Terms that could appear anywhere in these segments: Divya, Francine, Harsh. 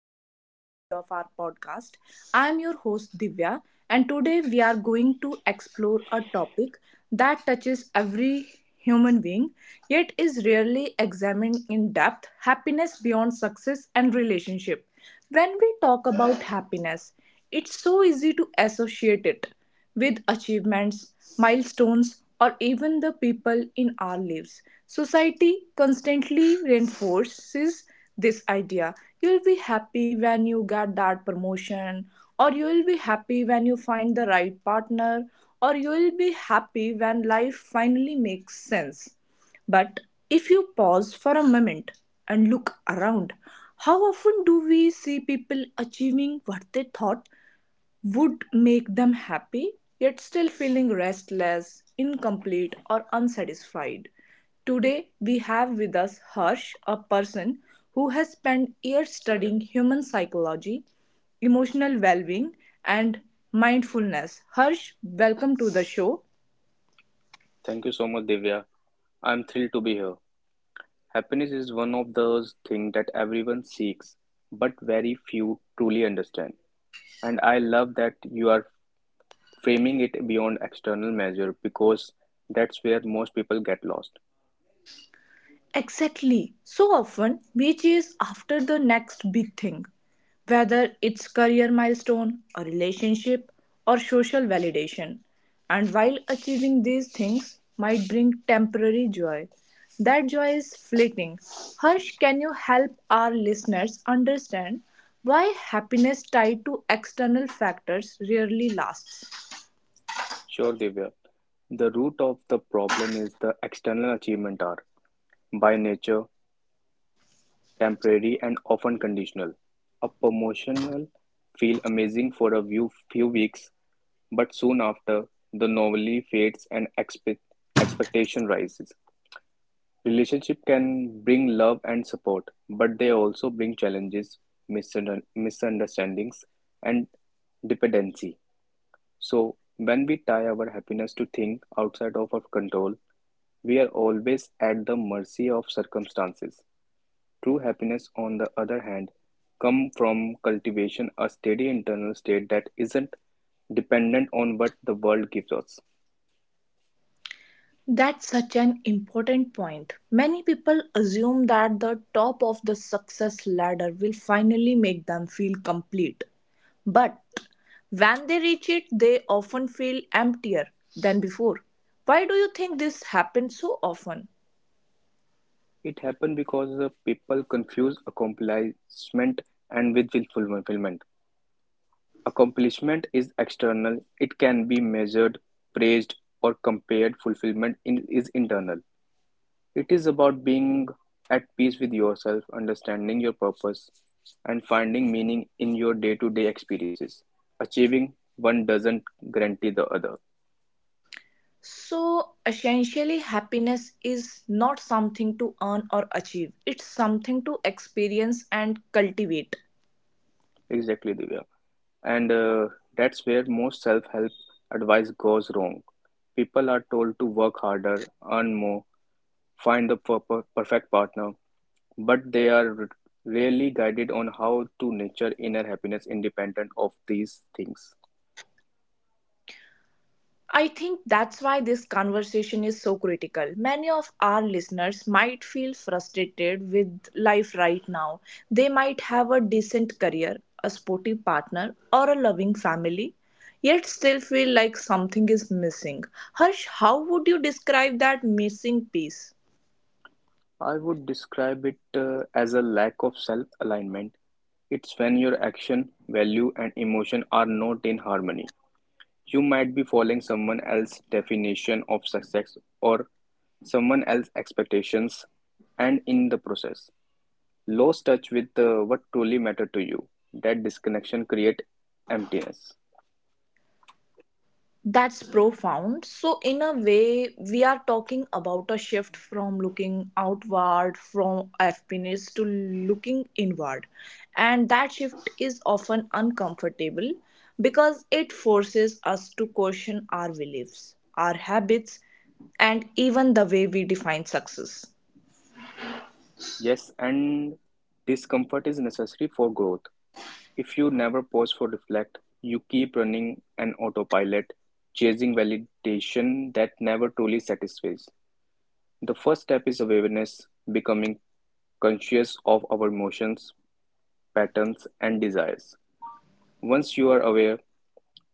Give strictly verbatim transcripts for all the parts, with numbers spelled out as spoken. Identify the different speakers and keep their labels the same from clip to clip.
Speaker 1: special episode of our podcast. I am your host, Divya, and today we are going to explore a topic that touches every human being yet is rarely examined in depth happiness beyond success and relationship. When we talk about happiness, it's so easy to associate it with achievements, milestones, or even the people in our lives. Society constantly reinforces this idea. You'll be happy when you get that promotion, or you'll be happy when you find the right partner, or you'll be happy when life finally makes sense. But if you pause for a moment and look around, how often do we see people achieving what they thought would make them happy, yet still feeling restless, incomplete, or unsatisfied? Today, we have with us Harsh, a person who has spent years studying human psychology, emotional well being, and mindfulness. Harsh, welcome to the show.
Speaker 2: Thank you so much, Divya. I'm thrilled to be here. Happiness is one of those things that everyone seeks, but very few truly understand. And I love that you are framing it beyond external measure because that's where most people get lost.
Speaker 1: Exactly. So often we chase after the next big thing, whether it's career milestone, a relationship, or social validation. And while achieving these things might bring temporary joy, that joy is fleeting. Harsh, can you help our listeners understand why happiness tied to external factors rarely lasts?
Speaker 2: Sure, Divya. The root of the problem is the external achievement are, by nature, temporary and often conditional, a promotional feels amazing for a few few weeks, but soon after, the novelty fades and expect, expectation rises. Relationship can bring love and support, but they also bring challenges, misunder- misunderstandings, and dependency. So, when we tie our happiness to things outside of our control, we are always at the mercy of circumstances. True happiness, on the other hand, comes from cultivation a steady internal state that isn't dependent on what the world gives us.
Speaker 1: That's such an important point. Many people assume that the top of the success ladder will finally make them feel complete. But when they reach it, they often feel emptier than before. Why do you think this happens so often?
Speaker 2: It happens because uh, people confuse accomplishment and with fulfillment. Accomplishment is external, it can be measured, praised, or compared. Fulfillment is internal. It is about being at peace with yourself, understanding your purpose, and finding meaning in your day to day experiences. Achieving one doesn't guarantee the other.
Speaker 1: So, essentially, happiness is not something to earn or achieve, it's something to experience and cultivate.
Speaker 2: Exactly, Divya. And uh, That's where most self help advice goes wrong. People are told to work harder, earn more, find the per- per- perfect partner, but they are r- rarely guided on how to nurture inner happiness independent of these things.
Speaker 1: I think that's why this conversation is so critical. Many of our listeners might feel frustrated with life right now. They might have a decent career, a sportive partner, or a loving family, yet still feel like something is missing. Harsh, how would you describe that missing piece?
Speaker 2: I would describe it uh, as a lack of self-alignment. It's when your action, value, and emotion are not in harmony. You might be following someone else's definition of success or someone else's expectations, and in the process, lose touch with uh, what truly matters to you. That disconnection creates emptiness.
Speaker 1: That's profound. So, in a way, we are talking about a shift from looking outward from happiness to looking inward. And that shift is often uncomfortable because it forces us to question our beliefs, our habits, and even the way we define success.
Speaker 2: Yes, and discomfort is necessary for growth. If you never pause for reflect, you keep running an autopilot, chasing validation that never truly satisfies. The first step is awareness, becoming conscious of our emotions, patterns, and desires. Once you are aware,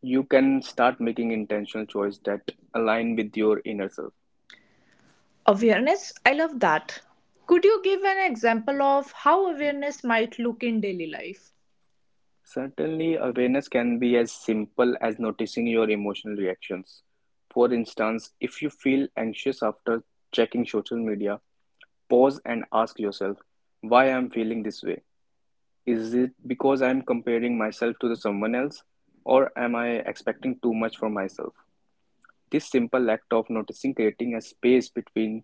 Speaker 2: you can start making intentional choices that align with your inner self.
Speaker 1: Awareness, I love that. Could you give an example of how awareness might look in daily life?
Speaker 2: Certainly, awareness can be as simple as noticing your emotional reactions. For instance, if you feel anxious after checking social media, pause and ask yourself why I am feeling this way. Is it because I am comparing myself to someone else, or am I expecting too much from myself? This simple act of noticing creating a space between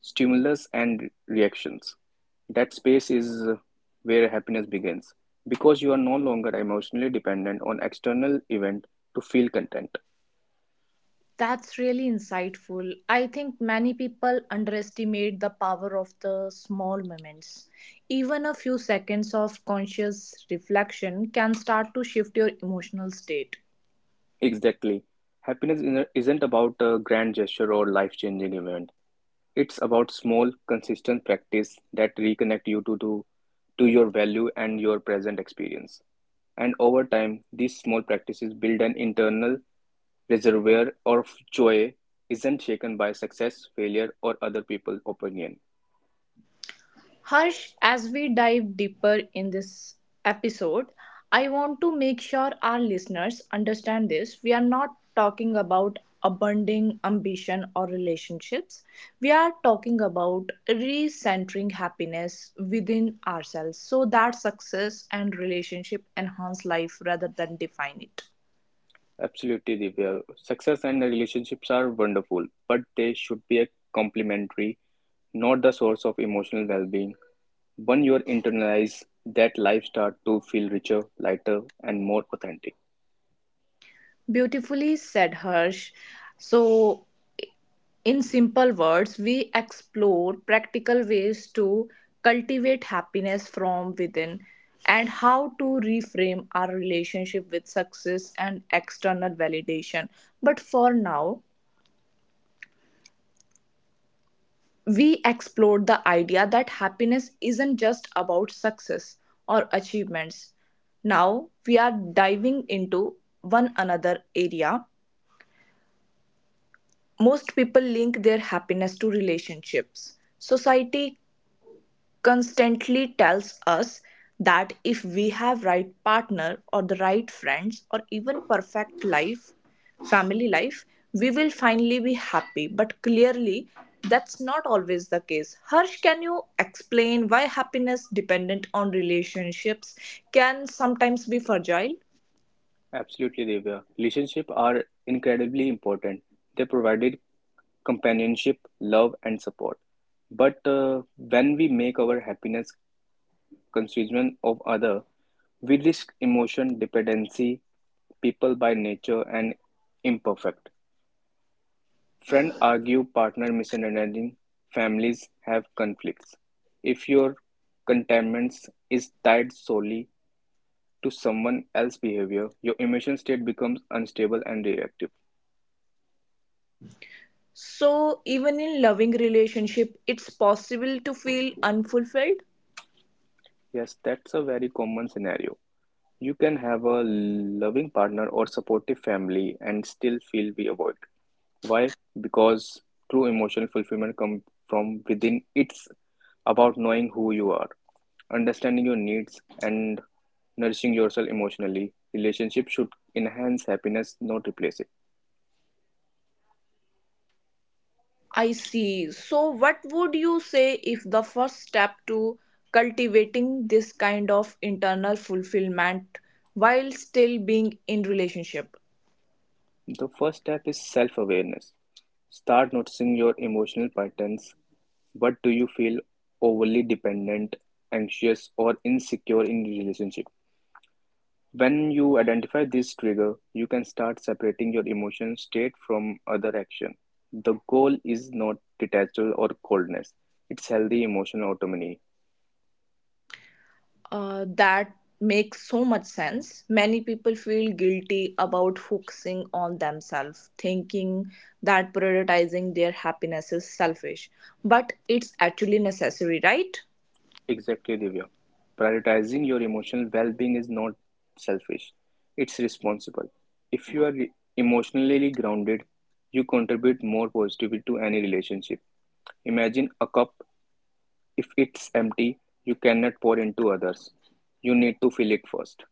Speaker 2: stimulus and reactions. That space is where happiness begins because you are no longer emotionally dependent on external event to feel content.
Speaker 1: That's really insightful. I think many people underestimate the power of the small moments. Even a few seconds of conscious reflection can start to shift your emotional state.
Speaker 2: Exactly. Happiness isn't isn't about a grand gesture or life-changing event. It's about small, consistent practice that reconnect you to do to your value and your present experience. And over time, these small practices build an internal reservoir of joy isn't shaken by success, failure, or other people's opinion.
Speaker 1: Harsh, as we dive deeper in this episode, I want to make sure our listeners understand this. We are not talking about abandoning ambition or relationships. We are talking about recentering happiness within ourselves so that success and relationship enhance life rather than define it.
Speaker 2: Absolutely, Divya. Success and relationships are wonderful, but they should be a complementary, not the source of emotional well-being. When you internalize that life start to feel richer, lighter, and more authentic.
Speaker 1: Beautifully said, Harsh. So, in simple words, we explore practical ways to cultivate happiness from within and how to reframe our relationship with success and external validation. But for now, we explored the idea that happiness isn't just about success or achievements. Now, we are diving into one another area. Most people link their happiness to relationships, society, constantly tells us that if we have right partner or the right friends or even perfect life family life we will finally be happy but clearly that's not always the case. Harsh, can you explain why happiness dependent on relationships can sometimes be fragile?
Speaker 2: Absolutely, Divya. Relationships are incredibly important. They provided companionship, love, and support. But uh, when we make our happiness constituent of other, we risk emotion dependency, people by nature and imperfect. Friend argue, partner misunderstanding, families have conflicts. If your contentment is tied solely to someone else's behavior, your emotion state becomes unstable and reactive.
Speaker 1: So even in loving relationship it's possible to feel unfulfilled.
Speaker 2: Yes, that's a very common scenario. You can have a loving partner or supportive family and still feel we avoid. Why? Because true emotional fulfillment comes from within. It's about knowing who you are, understanding your needs, and nourishing yourself emotionally. Relationships should enhance happiness, not replace it.
Speaker 1: I see. So, what would you say if the first step to cultivating this kind of internal fulfillment while still being in relationship?
Speaker 2: The first step is self awareness. Start noticing your emotional patterns. But do you feel overly dependent, anxious, or insecure in your relationship? When you identify this trigger, you can start separating your emotion state from other action. The goal is not detachment or coldness. It's healthy emotional autonomy.
Speaker 1: Uh, that makes so much sense. Many people feel guilty about focusing on themselves, thinking that prioritizing their happiness is selfish, but it's actually necessary, right?
Speaker 2: Exactly, Divya. Prioritizing your emotional well-being is not selfish. It's responsible. If you are re- emotionally grounded, you contribute more positively to any relationship. Imagine a cup. If it's empty, you cannot pour into others. You need to fill it first.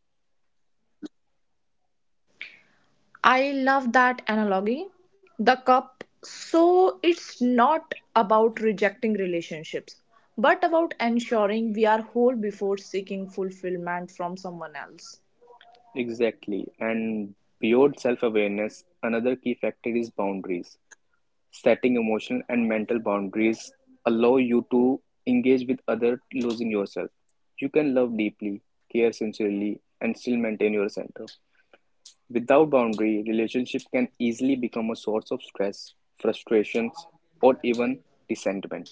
Speaker 1: I love that analogy. The cup. So it's not about rejecting relationships, but about ensuring we are whole before seeking fulfillment from someone else.
Speaker 2: Exactly. And beyond self awareness, another key factor is boundaries. Setting emotional and mental boundaries allow you to engage with others, losing yourself. You can love deeply, care sincerely, and still maintain your center. Without boundary, relationships can easily become a source of stress, frustrations, or even resentment.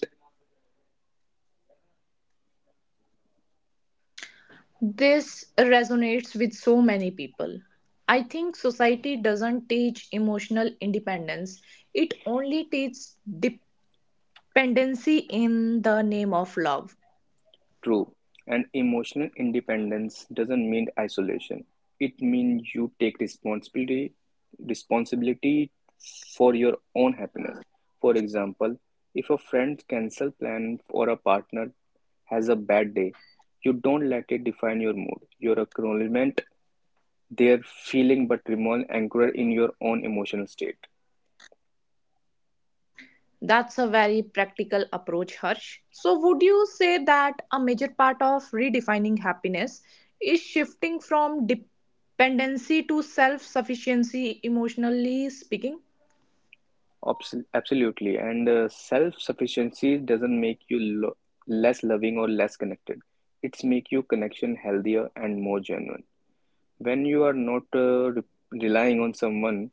Speaker 1: This resonates with so many people. I think society doesn't teach emotional independence, it only teaches dependency in the name of love.
Speaker 2: True. And emotional independence doesn't mean isolation. It means you take responsibility responsibility for your own happiness. For example, if a friend cancel plan or a partner has a bad day, you don't let it define your mood, your acknowledgement, their feeling, but remain anchored in your own emotional state.
Speaker 1: That's a very practical approach, Harsh. So, would you say that a major part of redefining happiness is shifting from dependency to self sufficiency, emotionally speaking?
Speaker 2: Abs- Absolutely. And uh, Self-sufficiency doesn't make you lo less loving or less connected. It's make you connection healthier and more genuine. When you are not uh, re relying on someone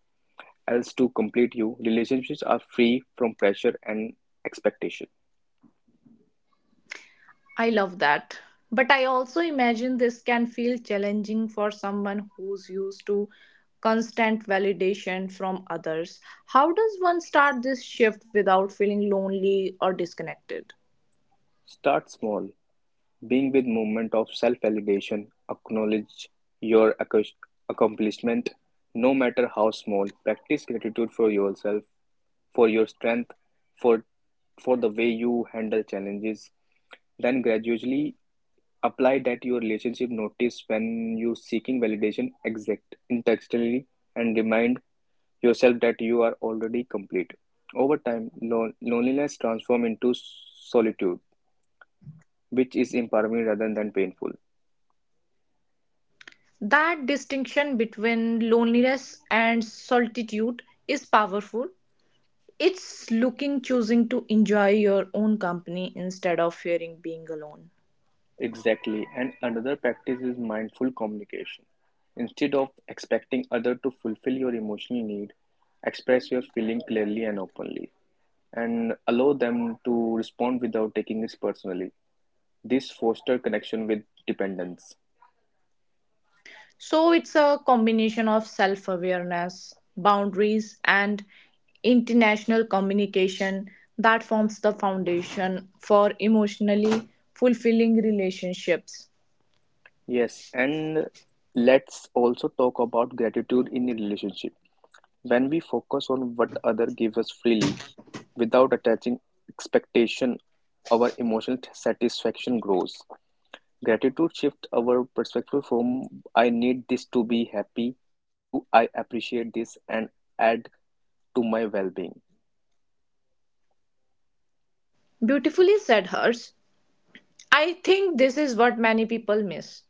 Speaker 2: else to complete you, relationships are free from pressure and expectation.
Speaker 1: I love that. But I also imagine this can feel challenging for someone who's used to constant validation from others. How does one start this shift without feeling lonely or disconnected?
Speaker 2: Start small. Being with movement of self-validation, acknowledge your accus- accomplishment, no matter how small. Practice gratitude for yourself, for your strength, for for the way you handle challenges. Then gradually apply that your relationship notice when you seeking validation exact internally and remind yourself that you are already complete over time lon- loneliness transform into solitude, which is empowering rather than painful.
Speaker 1: That distinction between loneliness and solitude is powerful. It's looking, choosing to enjoy your own company instead of fearing being alone.
Speaker 2: Exactly, and another practice is mindful communication. Instead of expecting other to fulfill your emotional need, express your feeling clearly and openly, and allow them to respond without taking it personally. This foster connection with dependence.
Speaker 1: So it's a combination of self awareness, boundaries, and international communication that forms the foundation for emotionally fulfilling relationships.
Speaker 2: Yes, and let's also talk about gratitude in a relationship. When we focus on what other give us freely without attaching expectation, our emotional satisfaction grows. Gratitude shifts our perspective from I need this to be happy to I appreciate this and add to my well-being.
Speaker 1: Beautifully said, Hers. I think this is what many people miss.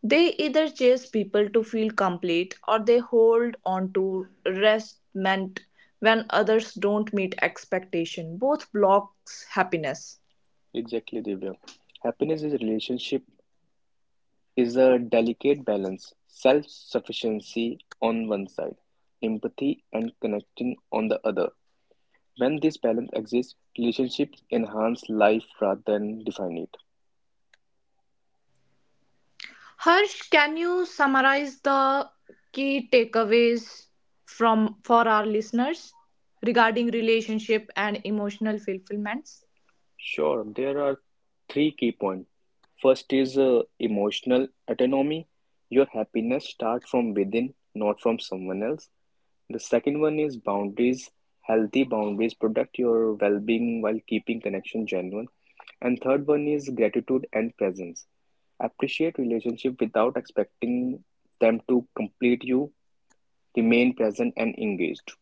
Speaker 1: They either chase people to feel complete or they hold on to resentment when others don't meet expectation. Both blocks happiness.
Speaker 2: Exactly, Divya. Happiness is a relationship is a delicate balance, self-sufficiency on one side, empathy and connecting on the other. When this balance exists, relationships enhance life rather than define it.
Speaker 1: Harsh, can you summarize the key takeaways from for our listeners regarding relationship and emotional fulfillments?
Speaker 2: Sure, there are three key points. First is uh, emotional autonomy. Your happiness starts from within, not from someone else. The second one is boundaries. Healthy boundaries protect your well-being while keeping connection genuine. And third one is gratitude and presence. Appreciate relationship without expecting them to complete you. Remain present and engaged.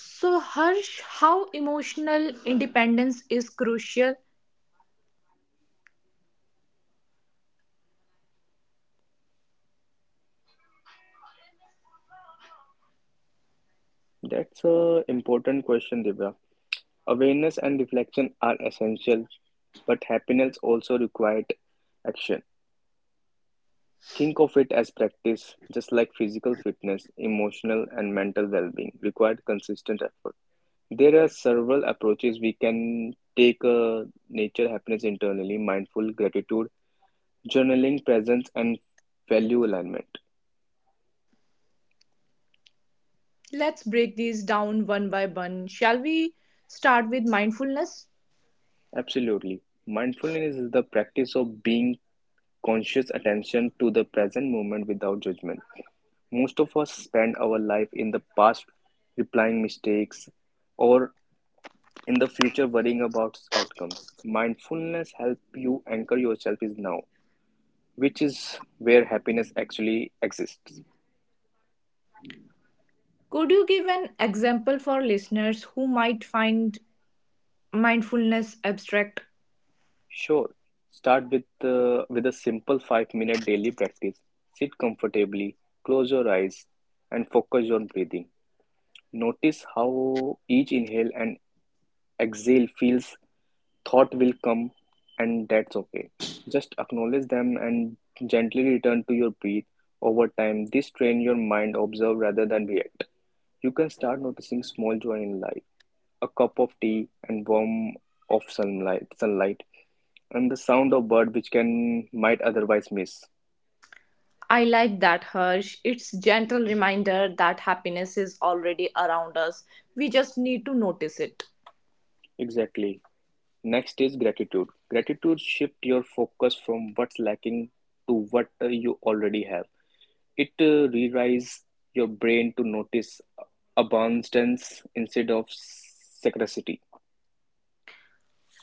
Speaker 1: So, Harsh, how emotional independence is crucial?
Speaker 2: That's a important question, Divya. Awareness and reflection are essential, but happiness also requires action. Think of it as practice, just like physical fitness, emotional and mental well being require consistent effort. There are several approaches we can take uh, nature happiness internally, mindful gratitude, journaling, presence, and value alignment.
Speaker 1: Let's break these down one by one. Shall we start with mindfulness?
Speaker 2: Absolutely. Mindfulness is the practice of being conscious attention to the present moment without judgment. Most of us spend our life in the past replying mistakes or in the future worrying about outcomes. Mindfulness helps you anchor yourself is now, which is where happiness actually exists.
Speaker 1: Could you give an example for listeners who might find mindfulness abstract?
Speaker 2: Sure, start with uh, with a simple five minute daily practice. Sit comfortably, close your eyes and focus on breathing. Notice how each inhale and exhale feels. Thought will come and that's okay, just acknowledge them and gently return to your breath. Over time this train your mind observe rather than react. You can start noticing small joy in life, a cup of tea and warm of sunlight sunlight and the sound of bird which can might otherwise miss.
Speaker 1: I like that, Harsh. It's gentle reminder that happiness is already around us. We just need to notice it.
Speaker 2: Exactly. Next is gratitude. Gratitude shift your focus from what's lacking to what uh, you already have. It uh, rewires your brain to notice abundance instead of scarcity.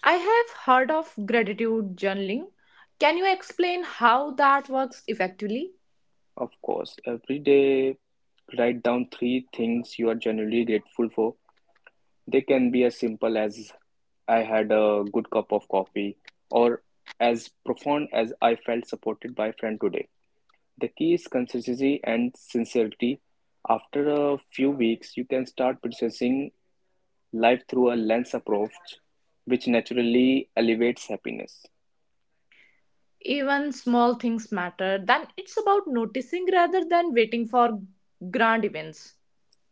Speaker 1: I have heard of gratitude journaling. Can you explain how that works effectively?
Speaker 2: Of course, every day write down three things you are genuinely grateful for. They can be as simple as I had a good cup of coffee or as profound as I felt supported by a friend today. The key is consistency and sincerity. After a few weeks, you can start processing life through a lens approach, which naturally elevates happiness.
Speaker 1: Even small things matter. Then it's about noticing rather than waiting for grand events.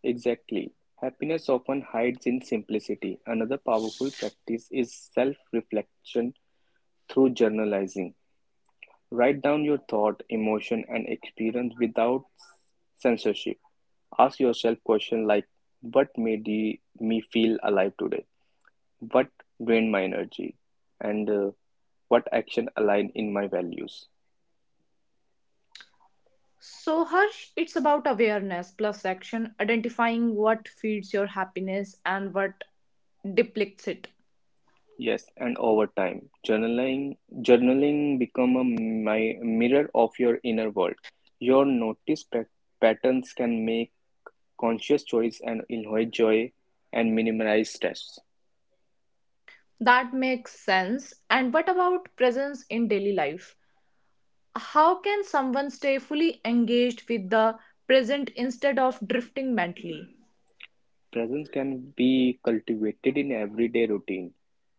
Speaker 2: Exactly. Happiness often hides in simplicity. Another powerful practice is self reflection through journalizing. Write down your thought, emotion, and experience without censorship. Ask yourself questions like, what made me feel alive today? What drained my energy and uh, what action aligned in my values.
Speaker 1: So, Harsh, it's about awareness plus action, identifying what feeds your happiness and what depletes it.
Speaker 2: Yes, and over time journaling journaling become a my mirror of your inner world. Your notice pa- patterns can make conscious choice and enjoy joy and minimize stress.
Speaker 1: That makes sense. And what about presence in daily life? How can someone stay fully engaged with the present instead of drifting mentally?
Speaker 2: Presence can be cultivated in everyday routine.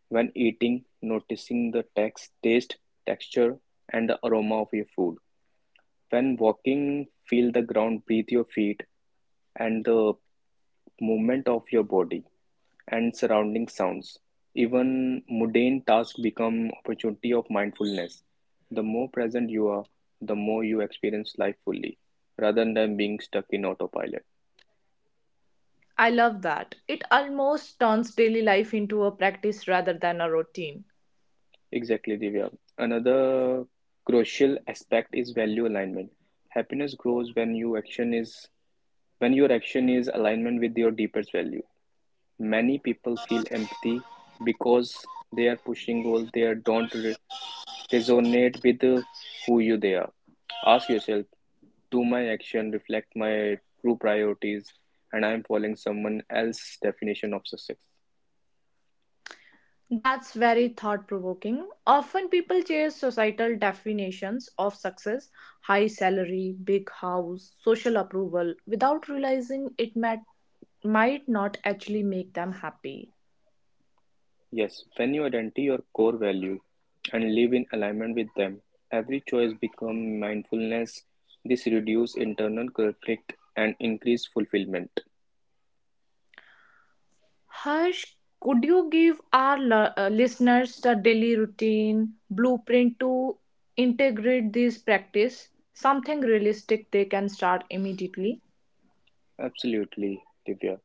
Speaker 2: When eating, noticing the text taste, texture, and the aroma of your food. When walking, feel the ground beneath your feet and the movement of your body and surrounding sounds. Even mundane tasks become opportunity of mindfulness. The more present you are, the more you experience life fully, rather than being stuck in autopilot.
Speaker 1: I love that. It almost turns daily life into a practice rather than a routine.
Speaker 2: Exactly, Divya. Another crucial aspect is value alignment. Happiness grows when your action is when your action is alignment with your deepest value. Many people feel empathy because they're pushing goals they don't re- resonate with uh, who you they are. Ask yourself, do my action reflect my true priorities and I'm following someone else's definition of success?
Speaker 1: That's very thought provoking. Often people chase societal definitions of success high salary, big house, social approval without realizing it might, might not actually make them happy.
Speaker 2: Yes, when you identify your core value and live in alignment with them, every choice becomes mindfulness. This reduces internal conflict and increase fulfillment.
Speaker 1: Harsh, could you give our l- uh, listeners the daily routine blueprint to integrate this practice? Something realistic they can start immediately.
Speaker 2: Absolutely, Divya.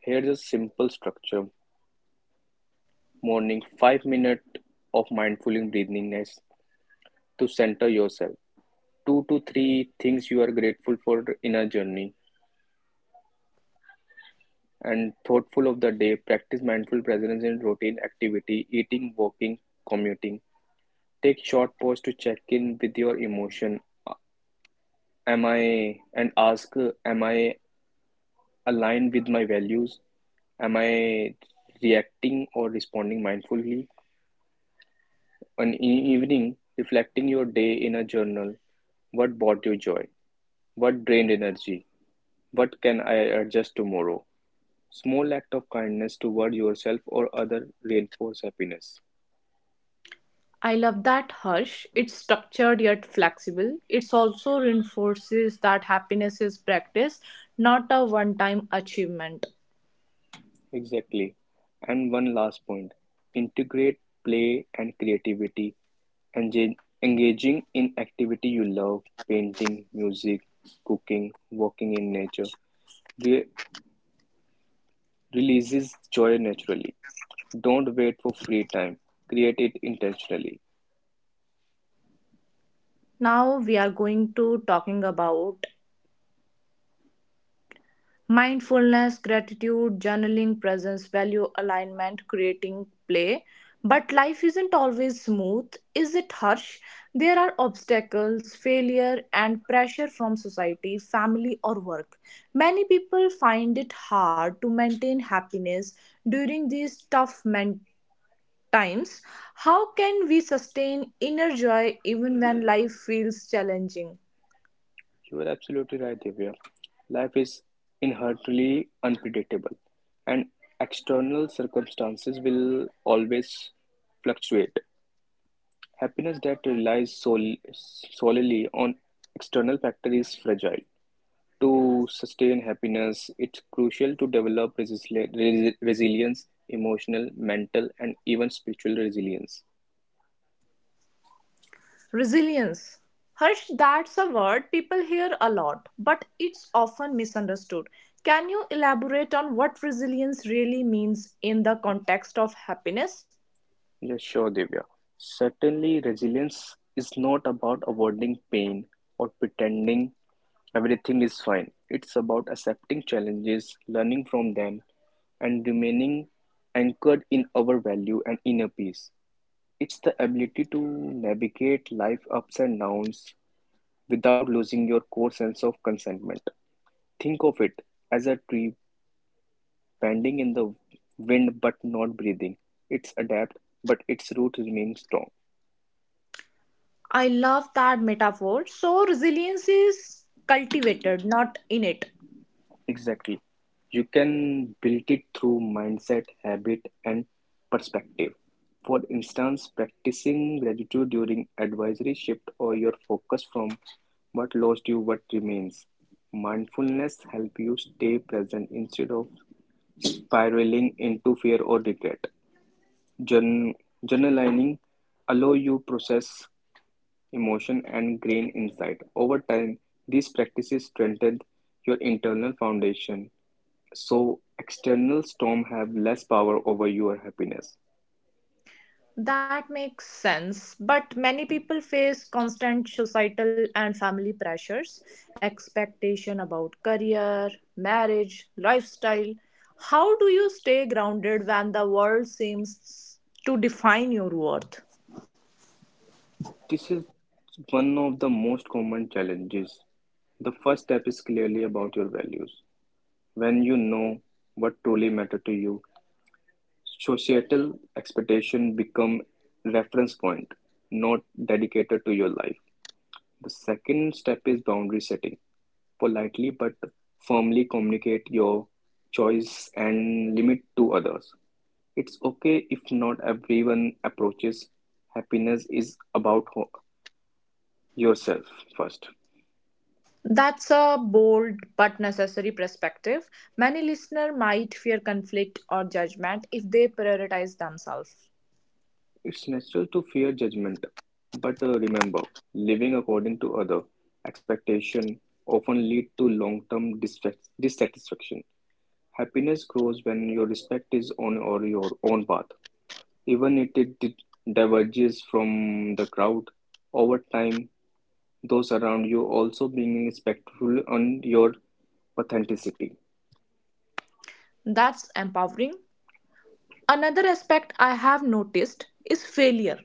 Speaker 2: Here's a simple structure morning five minutes of mindful breathingness to center yourself. two to three things you are grateful for in a journey and thoughtful of the day. Practice mindful presence in routine activity, eating, walking, commuting. Take short pause to check in with your emotion. Am I and ask, am I aligned with my values? Am I reacting or responding mindfully? And in evening, reflecting your day in a journal. What brought you joy? What drained energy? What can I adjust tomorrow? Small act of kindness toward yourself or other reinforce happiness.
Speaker 1: I love that, Harsh. It's structured yet flexible. It also reinforces that happiness is practice, not a one time achievement.
Speaker 2: Exactly. And one last point. Integrate play and creativity. Engage, engaging in activity you love, painting, music, cooking, walking in nature, re- releases joy naturally. Don't wait for free time. Create it intentionally.
Speaker 1: Now we are going to talking about mindfulness, gratitude, journaling, presence, value, alignment, creating play. But life isn't always smooth, is it, Harsh? There are obstacles, failure, and pressure from society, family, or work. Many people find it hard to maintain happiness during these tough men- times. How can we sustain inner joy even when life feels challenging?
Speaker 2: You are absolutely right, Divya. Life is inherently unpredictable, and external circumstances will always fluctuate. Happiness that relies sol- solely on external factors is fragile. To sustain happiness, it's crucial to develop resili- resi- resilience, emotional, mental, and even spiritual resilience.
Speaker 1: Resilience. Harsh, that's a word people hear a lot, but it's often misunderstood. Can you elaborate on what resilience really means in the context of happiness?
Speaker 2: Yeah, sure, Divya. Certainly, resilience is not about avoiding pain or pretending everything is fine. It's about accepting challenges, learning from them, and remaining anchored in our value and inner peace. It's the ability to navigate life ups and downs without losing your core sense of contentment. Think of it as a tree bending in the wind but not breathing. It's adapt, but its root remains strong.
Speaker 1: I love that metaphor. So, resilience is cultivated, not innate.
Speaker 2: Exactly. You can build it through mindset, habit, and perspective. For instance, practicing gratitude during advisory shift or your focus from what lost you, what remains. Mindfulness help you stay present instead of spiraling into fear or regret. Journ- Journaling allow you process emotion and gain insight. Over time, these practices strengthen your internal foundation so external storms have less power over your happiness.
Speaker 1: That makes sense, but many people face constant societal and family pressures, expectation about career, marriage, lifestyle. How do you stay grounded when the world seems to define your worth?
Speaker 2: This is one of the most common challenges. The first step is clearly about your values. When you know what truly matter to you, societal expectation become reference point, not dedicated to your life. The second step is boundary setting. Politely but firmly communicate your choice and limit to others. It's okay if not everyone approaches happiness is about ho- yourself first.
Speaker 1: That's a bold but necessary perspective. Many listeners might fear conflict or judgment if they prioritize themselves.
Speaker 2: It's natural to fear judgment, but uh, remember, living according to other expectation often lead to long-term dissat- dissatisfaction. Happiness grows when your respect is on or your own path, even if it di- diverges from the crowd. Over time, those around you also being respectful on your authenticity.
Speaker 1: That's empowering. Another aspect I have noticed is failure.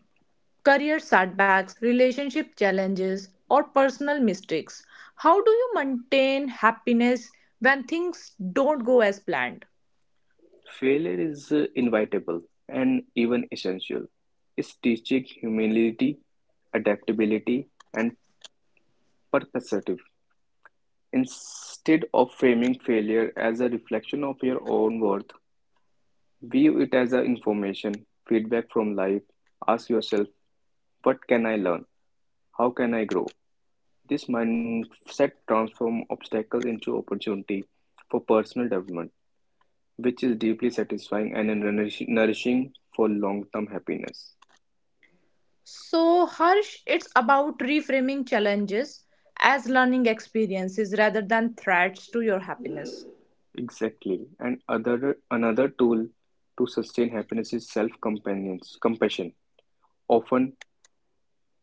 Speaker 1: Career setbacks, relationship challenges, or personal mistakes. How do you maintain happiness when things don't go as planned?
Speaker 2: Failure is uh, inevitable and even essential. It's teaching humility, adaptability, and perspective. Instead of framing failure as a reflection of your own worth, view it as a information, feedback from life. Ask yourself, what can I learn? How can I grow? This mindset transforms obstacles into opportunity for personal development, which is deeply satisfying and nourishing for long-term happiness.
Speaker 1: So, Harsh, it's about reframing challenges as learning experiences rather than threats to your happiness.
Speaker 2: Exactly, and other another tool to sustain happiness is self-compassion. Companions often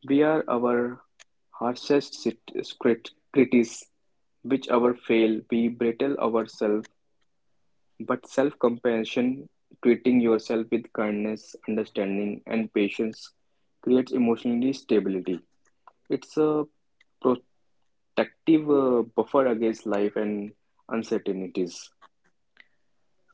Speaker 2: we are our harshest sit- crit- critics, which our fail, we brittle ourselves. But self-compassion, treating yourself with kindness, understanding, and patience, creates emotionally stability. It's a protective uh, buffer against life and uncertainties.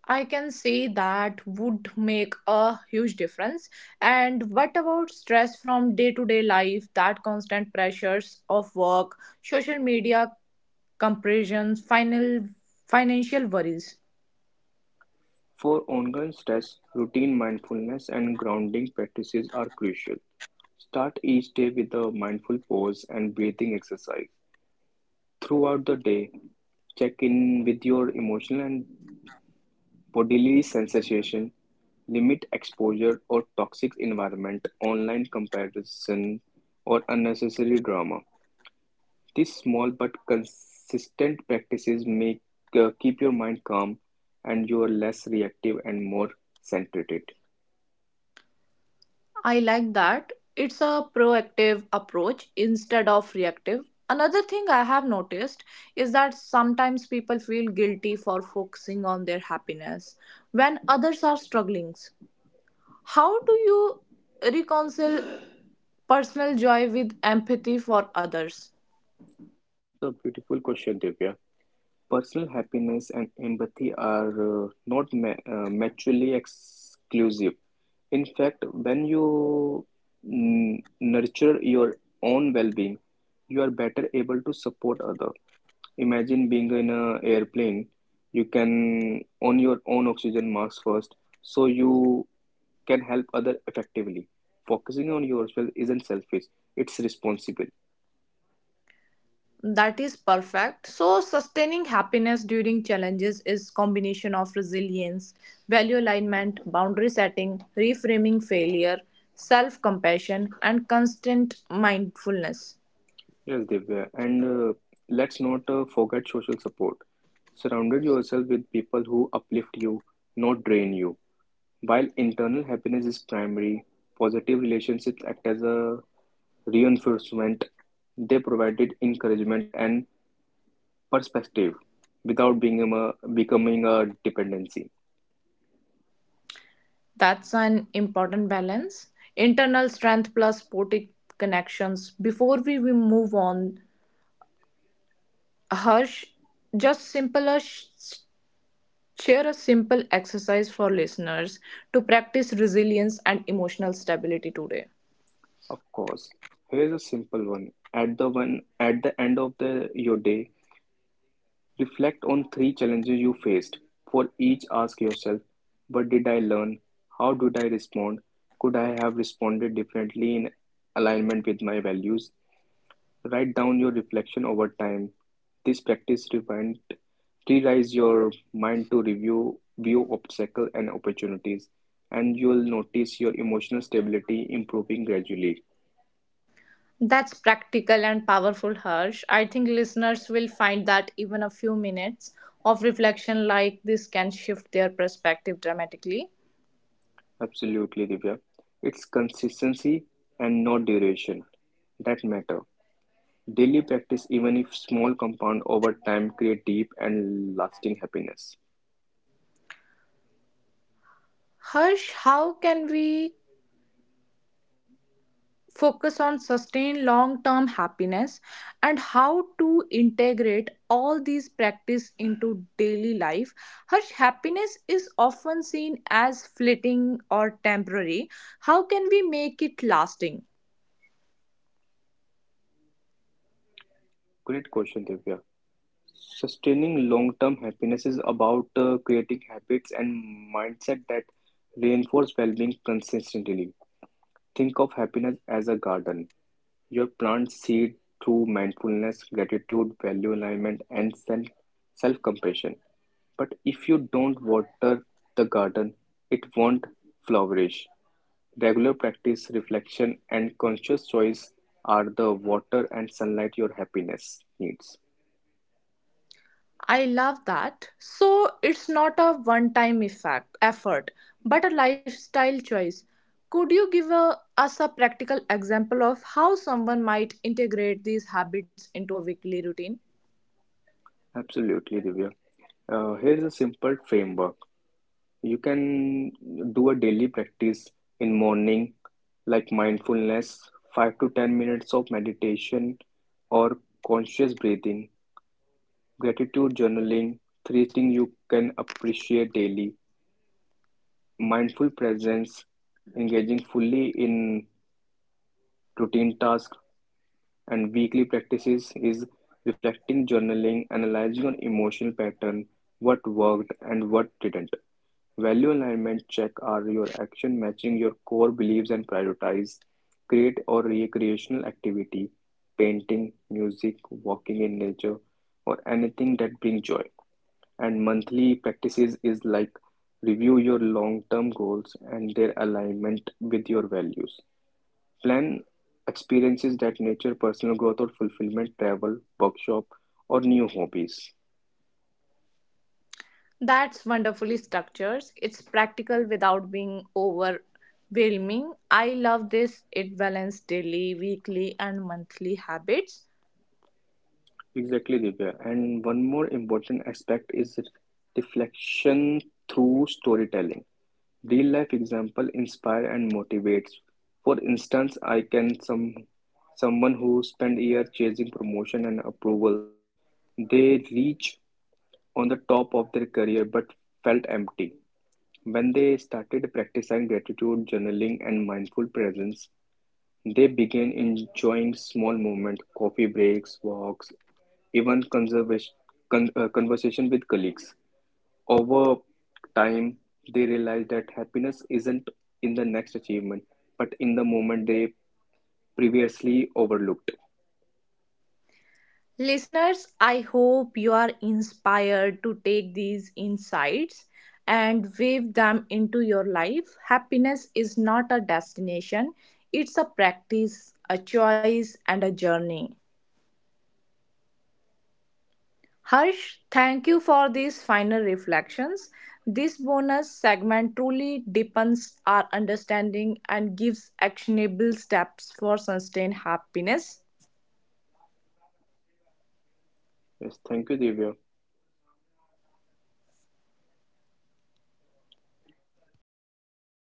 Speaker 1: I can say that would make a huge difference. And what about stress from day to day life, that constant pressures of work, social media comparisons, final financial worries?
Speaker 2: For ongoing stress, routine mindfulness and grounding practices are crucial. Start each day with a mindful pause and breathing exercise. Throughout the day, check in with your emotional and bodily sensations. Limit exposure or toxic environment, online comparison, or unnecessary drama. These small but consistent practices make uh, keep your mind calm and you are less reactive and more centered.
Speaker 1: I like that. It's a proactive approach instead of reactive. Another thing I have noticed is that sometimes people feel guilty for focusing on their happiness when others are struggling. How do you reconcile personal joy with empathy for others?
Speaker 2: That's a beautiful question, Divya. Personal happiness and empathy are uh, not ma uh, mutually exclusive. In fact, when you n- nurture your own well-being, you are better able to support other. Imagine being in an airplane. You can own your own oxygen mask first, so you can help other effectively. Focusing on yourself isn't selfish; it's responsible.
Speaker 1: That is perfect. So sustaining happiness during challenges is combination of resilience value alignment boundary setting reframing failure self compassion and constant mindfulness.
Speaker 2: Yes, Divya. And uh, let's not uh, forget social support. Surrounded yourself with people who uplift you, not drain you. While internal happiness is primary, positive relationships act as a reinforcement. They provided encouragement and perspective without being a, becoming a dependency.
Speaker 1: That's an important balance internal strength plus supportive connections. Before we, we move on, harsh just simpler sh- Share a simple exercise for listeners to practice resilience and emotional stability today.
Speaker 2: Of course, here's a simple one. At the one at the end of the your day, reflect on three challenges you faced. For each, ask yourself, what did I learn? How did I respond? Could I have responded differently in alignment with my values? Write down your reflection over time. This practice rewind, Rewires your mind to review, view obstacles and opportunities, and you will notice your emotional stability improving gradually.
Speaker 1: That's practical and powerful, Harsh. I think listeners will find that even a few minutes of reflection like this can shift their perspective dramatically.
Speaker 2: Absolutely, Divya. It's consistency and not duration that matter. Daily practice, even if small, compound over time, create deep and lasting happiness.
Speaker 1: Harsh, how can we focus on sustain long term happiness and how to integrate all these practice into daily life her happiness is often seen as fleeting or temporary how can we make it lasting?
Speaker 2: Great question, Divya. Sustaining long-term happiness is about uh, creating habits and mindset that reinforce well-being consistently. Think of happiness as a garden. Your plants seed through mindfulness, gratitude, value alignment, and self self-compassion. But if you don't water the garden, it won't flourish. Regular practice, reflection, and conscious choice are the water and sunlight your happiness needs.
Speaker 1: I love that. So it's not a one time effect effort but a lifestyle choice. Could you give a, us a practical example of how someone might integrate these habits into a weekly routine?
Speaker 2: Absolutely, Divya. Uh, here's a simple framework. You can do a daily practice in morning, like mindfulness, five to ten minutes of meditation or conscious breathing, gratitude journaling, three things you can appreciate daily, mindful presence, engaging fully in routine tasks. And weekly practices is reflecting journaling, analyzing on emotional pattern, what worked and what didn't. Value alignment check are your action matching your core beliefs and prioritize. Create or recreational activity, painting, music, walking in nature, or anything that brings joy. And monthly practices is like review your long-term goals and their alignment with your values. Plan experiences that nature, personal growth or fulfillment, travel, workshop or new hobbies.
Speaker 1: That's wonderfully structured. It's practical without being overwhelming. I love this. It balances daily, weekly, and monthly habits.
Speaker 2: Exactly, Divya. And one more important aspect is reflection through storytelling. Real life example inspire and motivates. For instance, I can some someone who spent years chasing promotion and approval, they reach on the top of their career but felt empty. When they started practicing gratitude journaling and mindful presence, they began enjoying small moments, coffee breaks, walks, even conservation, con- uh, conversation with colleagues. Over time, they realized that happiness isn't in the next achievement, but in the moment they previously overlooked.
Speaker 1: Listeners, I hope you are inspired to take these insights and weave them into your life. Happiness is not a destination, it's a practice, a choice, and a journey. Harsh, thank you for these final reflections. This bonus segment truly deepens our understanding and gives actionable steps for sustained happiness.
Speaker 2: Yes, thank you, Divya.